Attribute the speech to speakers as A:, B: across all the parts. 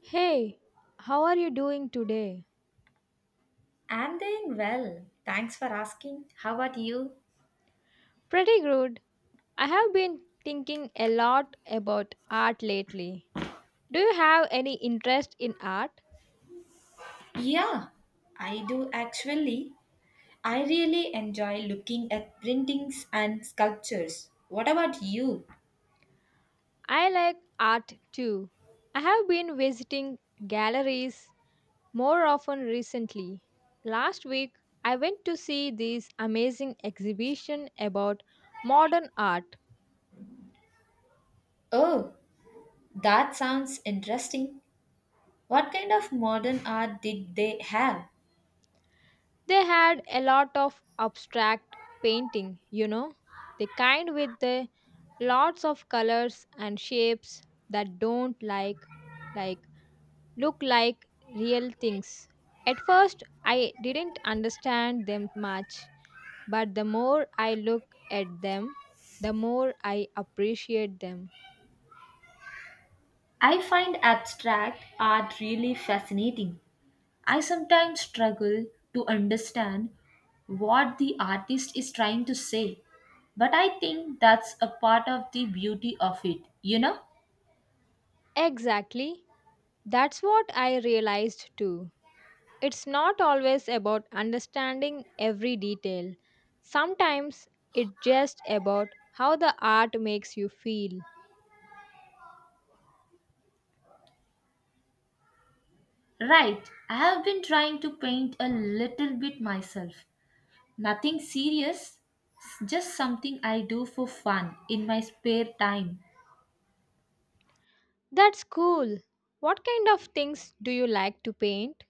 A: Hey, how are you doing today?
B: I'm doing well. Thanks for asking. How about you?
A: Pretty good. I have been thinking a lot about art lately. Do you have any interest in art?
B: Yeah, I do actually. I really enjoy looking at printings and sculptures. What about you?
A: I like art too. I have been visiting galleries more often recently. Last week, I went to see this amazing exhibition about modern art.
B: Oh, that sounds interesting. What kind of modern art did they have?
A: They had a lot of abstract painting, you know, the kind with the lots of colors and shapes that don't like look like real things. At first I didn't understand them much, but the more I look at them, the more I appreciate them.
B: I find abstract art really fascinating. I sometimes struggle to understand what the artist is trying to say, but I think that's a part of the beauty of it, you know?
A: Exactly. That's what I realized too. It's not always about understanding every detail. Sometimes it's just about how the art makes you feel.
B: Right, I have been trying to paint a little bit myself. Nothing serious, just something I do for fun in my spare time.
A: That's cool. What kind of things do you like to paint?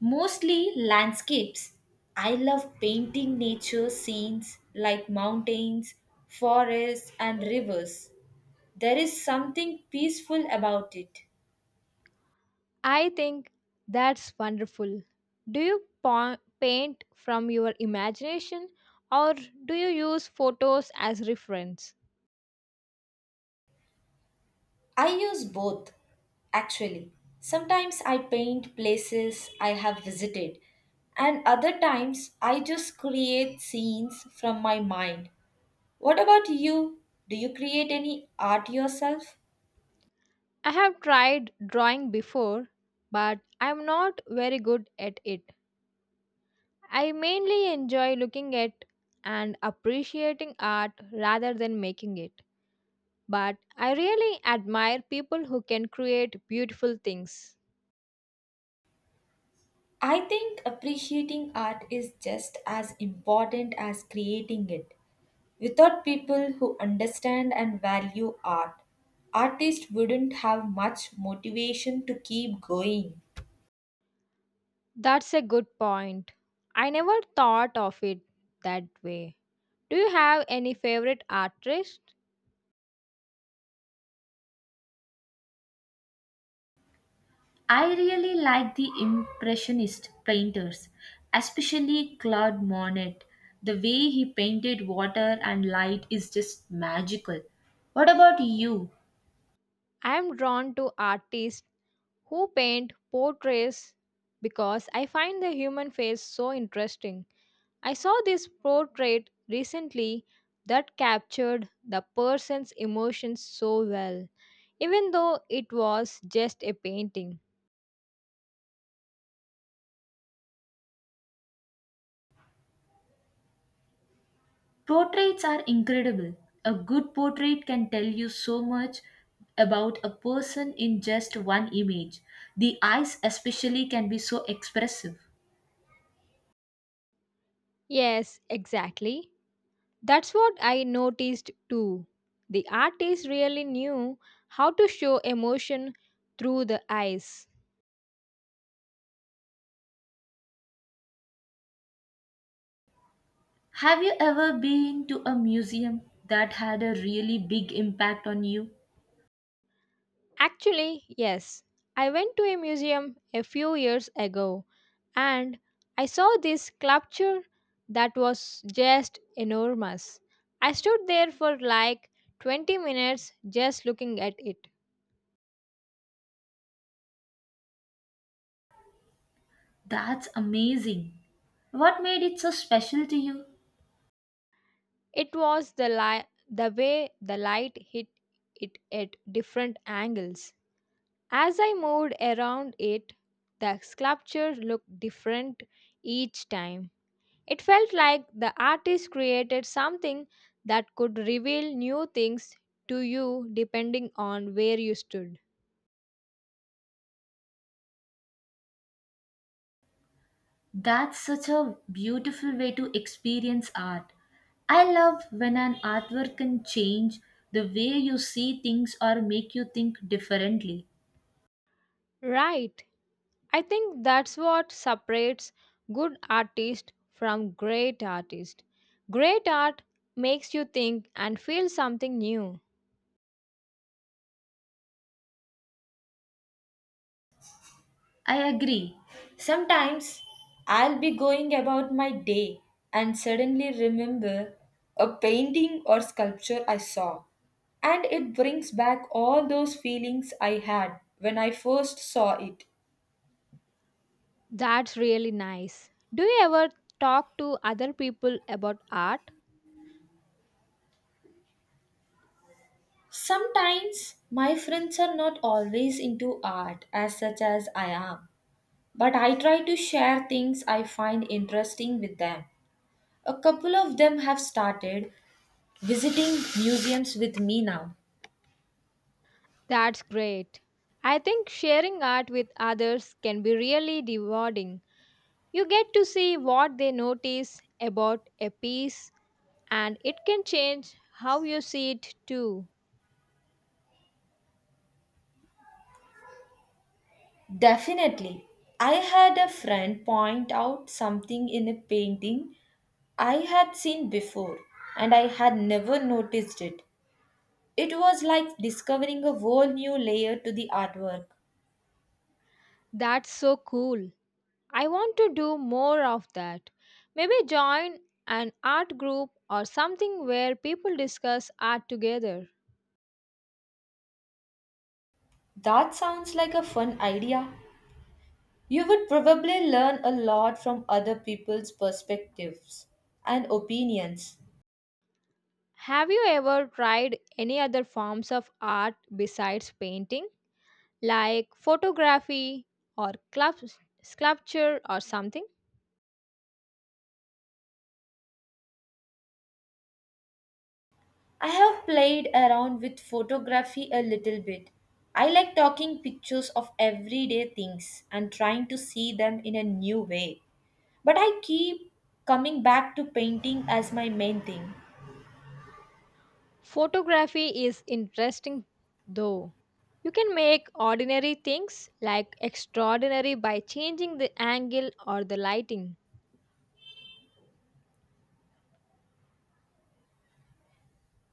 B: Mostly landscapes. I love painting nature scenes like mountains, forests, and rivers. There is something peaceful about it.
A: I think that's wonderful. Do you paint from your imagination or do you use photos as reference?
B: I use both, actually. Sometimes I paint places I have visited, and other times I just create scenes from my mind. What about you? Do you create any art yourself?
A: I have tried drawing before, but I'm not very good at it. I mainly enjoy looking at and appreciating art rather than making it. But I really admire people who can create beautiful things.
B: I think appreciating art is just as important as creating it. Without people who understand and value art, artists wouldn't have much motivation to keep going.
A: That's a good point. I never thought of it that way. Do you have any favorite artist?
B: I really like the Impressionist painters, especially Claude Monet. The way he painted water and light is just magical. What about you?
A: I am drawn to artists who paint portraits because I find the human face so interesting. I saw this portrait recently that captured the person's emotions so well, even though it was just a painting.
B: Portraits are incredible. A good portrait can tell you so much about a person in just one image. The eyes, especially, can be so expressive.
A: Yes, exactly. That's what I noticed too. The artist really knew how to show emotion through the eyes.
B: Have you ever been to a museum that had a really big impact on you?
A: Actually, yes. I went to a museum a few years ago and I saw this sculpture that was just enormous. I stood there for like 20 minutes just looking at it.
B: That's amazing. What made it so special to you?
A: It was the way the light hit it at different angles. As I moved around it, the sculpture looked different each time. It felt like the artist created something that could reveal new things to you depending on where you stood.
B: That's such a beautiful way to experience art. I love when an artwork can change the way you see things or make you think differently.
A: Right. I think that's what separates good artist from great artist. Great art makes you think and feel something new.
B: I agree. Sometimes I'll be going about my day and suddenly remember a painting or sculpture I saw, and it brings back all those feelings I had when I first saw it.
A: That's really nice. Do you ever talk to other people about art?
B: Sometimes my friends are not always into art as such as I am, but I try to share things I find interesting with them. A couple of them have started visiting museums with me now.
A: That's great. I think sharing art with others can be really rewarding. You get to see what they notice about a piece, and it can change how you see it too.
B: Definitely. I had a friend point out something in a painting I had seen before and I had never noticed it. It was like discovering a whole new layer to the artwork.
A: That's so cool. I want to do more of that. Maybe join an art group or something where people discuss art together.
B: That sounds like a fun idea. You would probably learn a lot from other people's perspectives and opinions.
A: Have you ever tried any other forms of art besides painting, like photography or sculpture or something?
B: I have played around with photography a little bit. I like taking pictures of everyday things and trying to see them in a new way. But I keep coming back to painting as my main thing.
A: Photography is interesting though. You can make ordinary things like extraordinary by changing the angle or the lighting.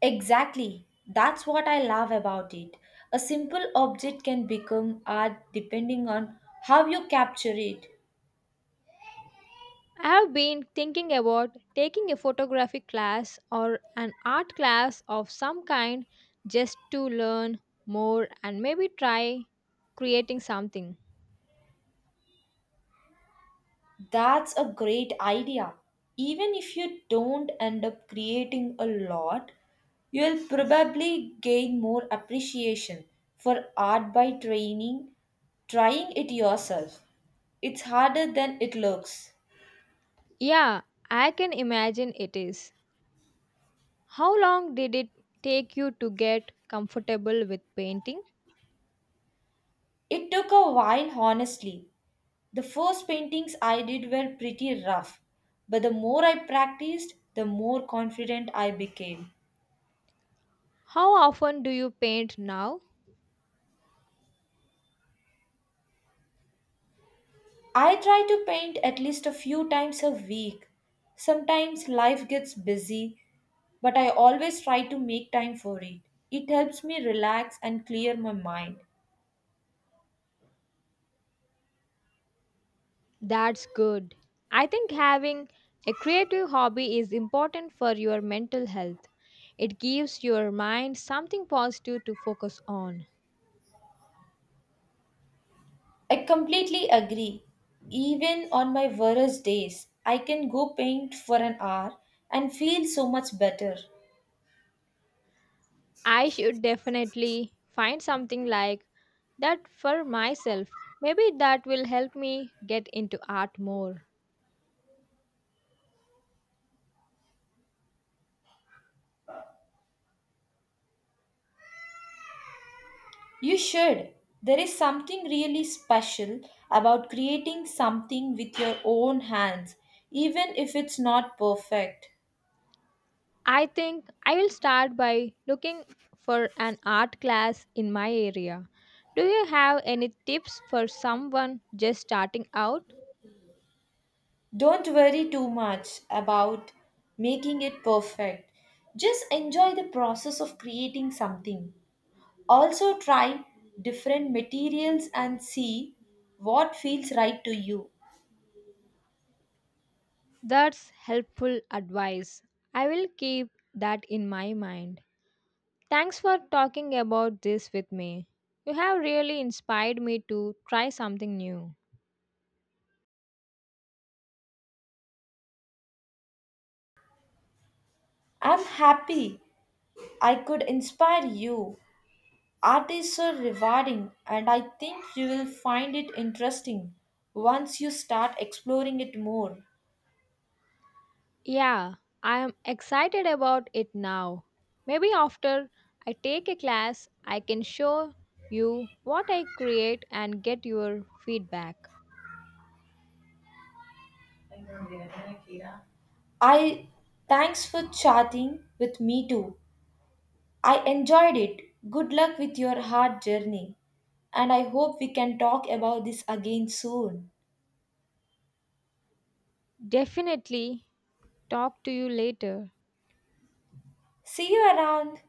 B: Exactly. That's what I love about it. A simple object can become art depending on how you capture it.
A: I have been thinking about taking a photography class or an art class of some kind just to learn more and maybe try creating something.
B: That's a great idea. Even if you don't end up creating a lot, you'll probably gain more appreciation for art by training, trying it yourself. It's harder than it looks.
A: Yeah, I can imagine it is. How long did it take you to get comfortable with painting?
B: It took a while, honestly. The first paintings I did were pretty rough, but the more I practiced, the more confident I became.
A: How often do you paint now?
B: I try to paint at least a few times a week. Sometimes life gets busy, but I always try to make time for it. It helps me relax and clear my mind.
A: That's good. I think having a creative hobby is important for your mental health. It gives your mind something positive to focus on.
B: I completely agree. Even on my worst days, I can go paint for an hour and feel so much better.
A: I should definitely find something like that for myself. Maybe that will help me get into art more.
B: You should. There is something really special about creating something with your own hands, even if it's not perfect.
A: I think I will start by looking for an art class in my area. Do you have any tips for someone just starting out?
B: Don't worry too much about making it perfect. Just enjoy the process of creating something. Also, try different materials and see what feels right to you.
A: That's helpful advice. I will keep that in my mind. Thanks for talking about this with me. You have really inspired me to try something new.
B: I'm happy I could inspire you. Art is so rewarding, and I think you will find it interesting once you start exploring it more.
A: Yeah, I am excited about it now. Maybe after I take a class, I can show you what I create and get your feedback.
B: I thanks for chatting with me too. I enjoyed it. Good luck with your hard journey, and I hope we can talk about this again soon.
A: Definitely talk to you later.
B: See you around.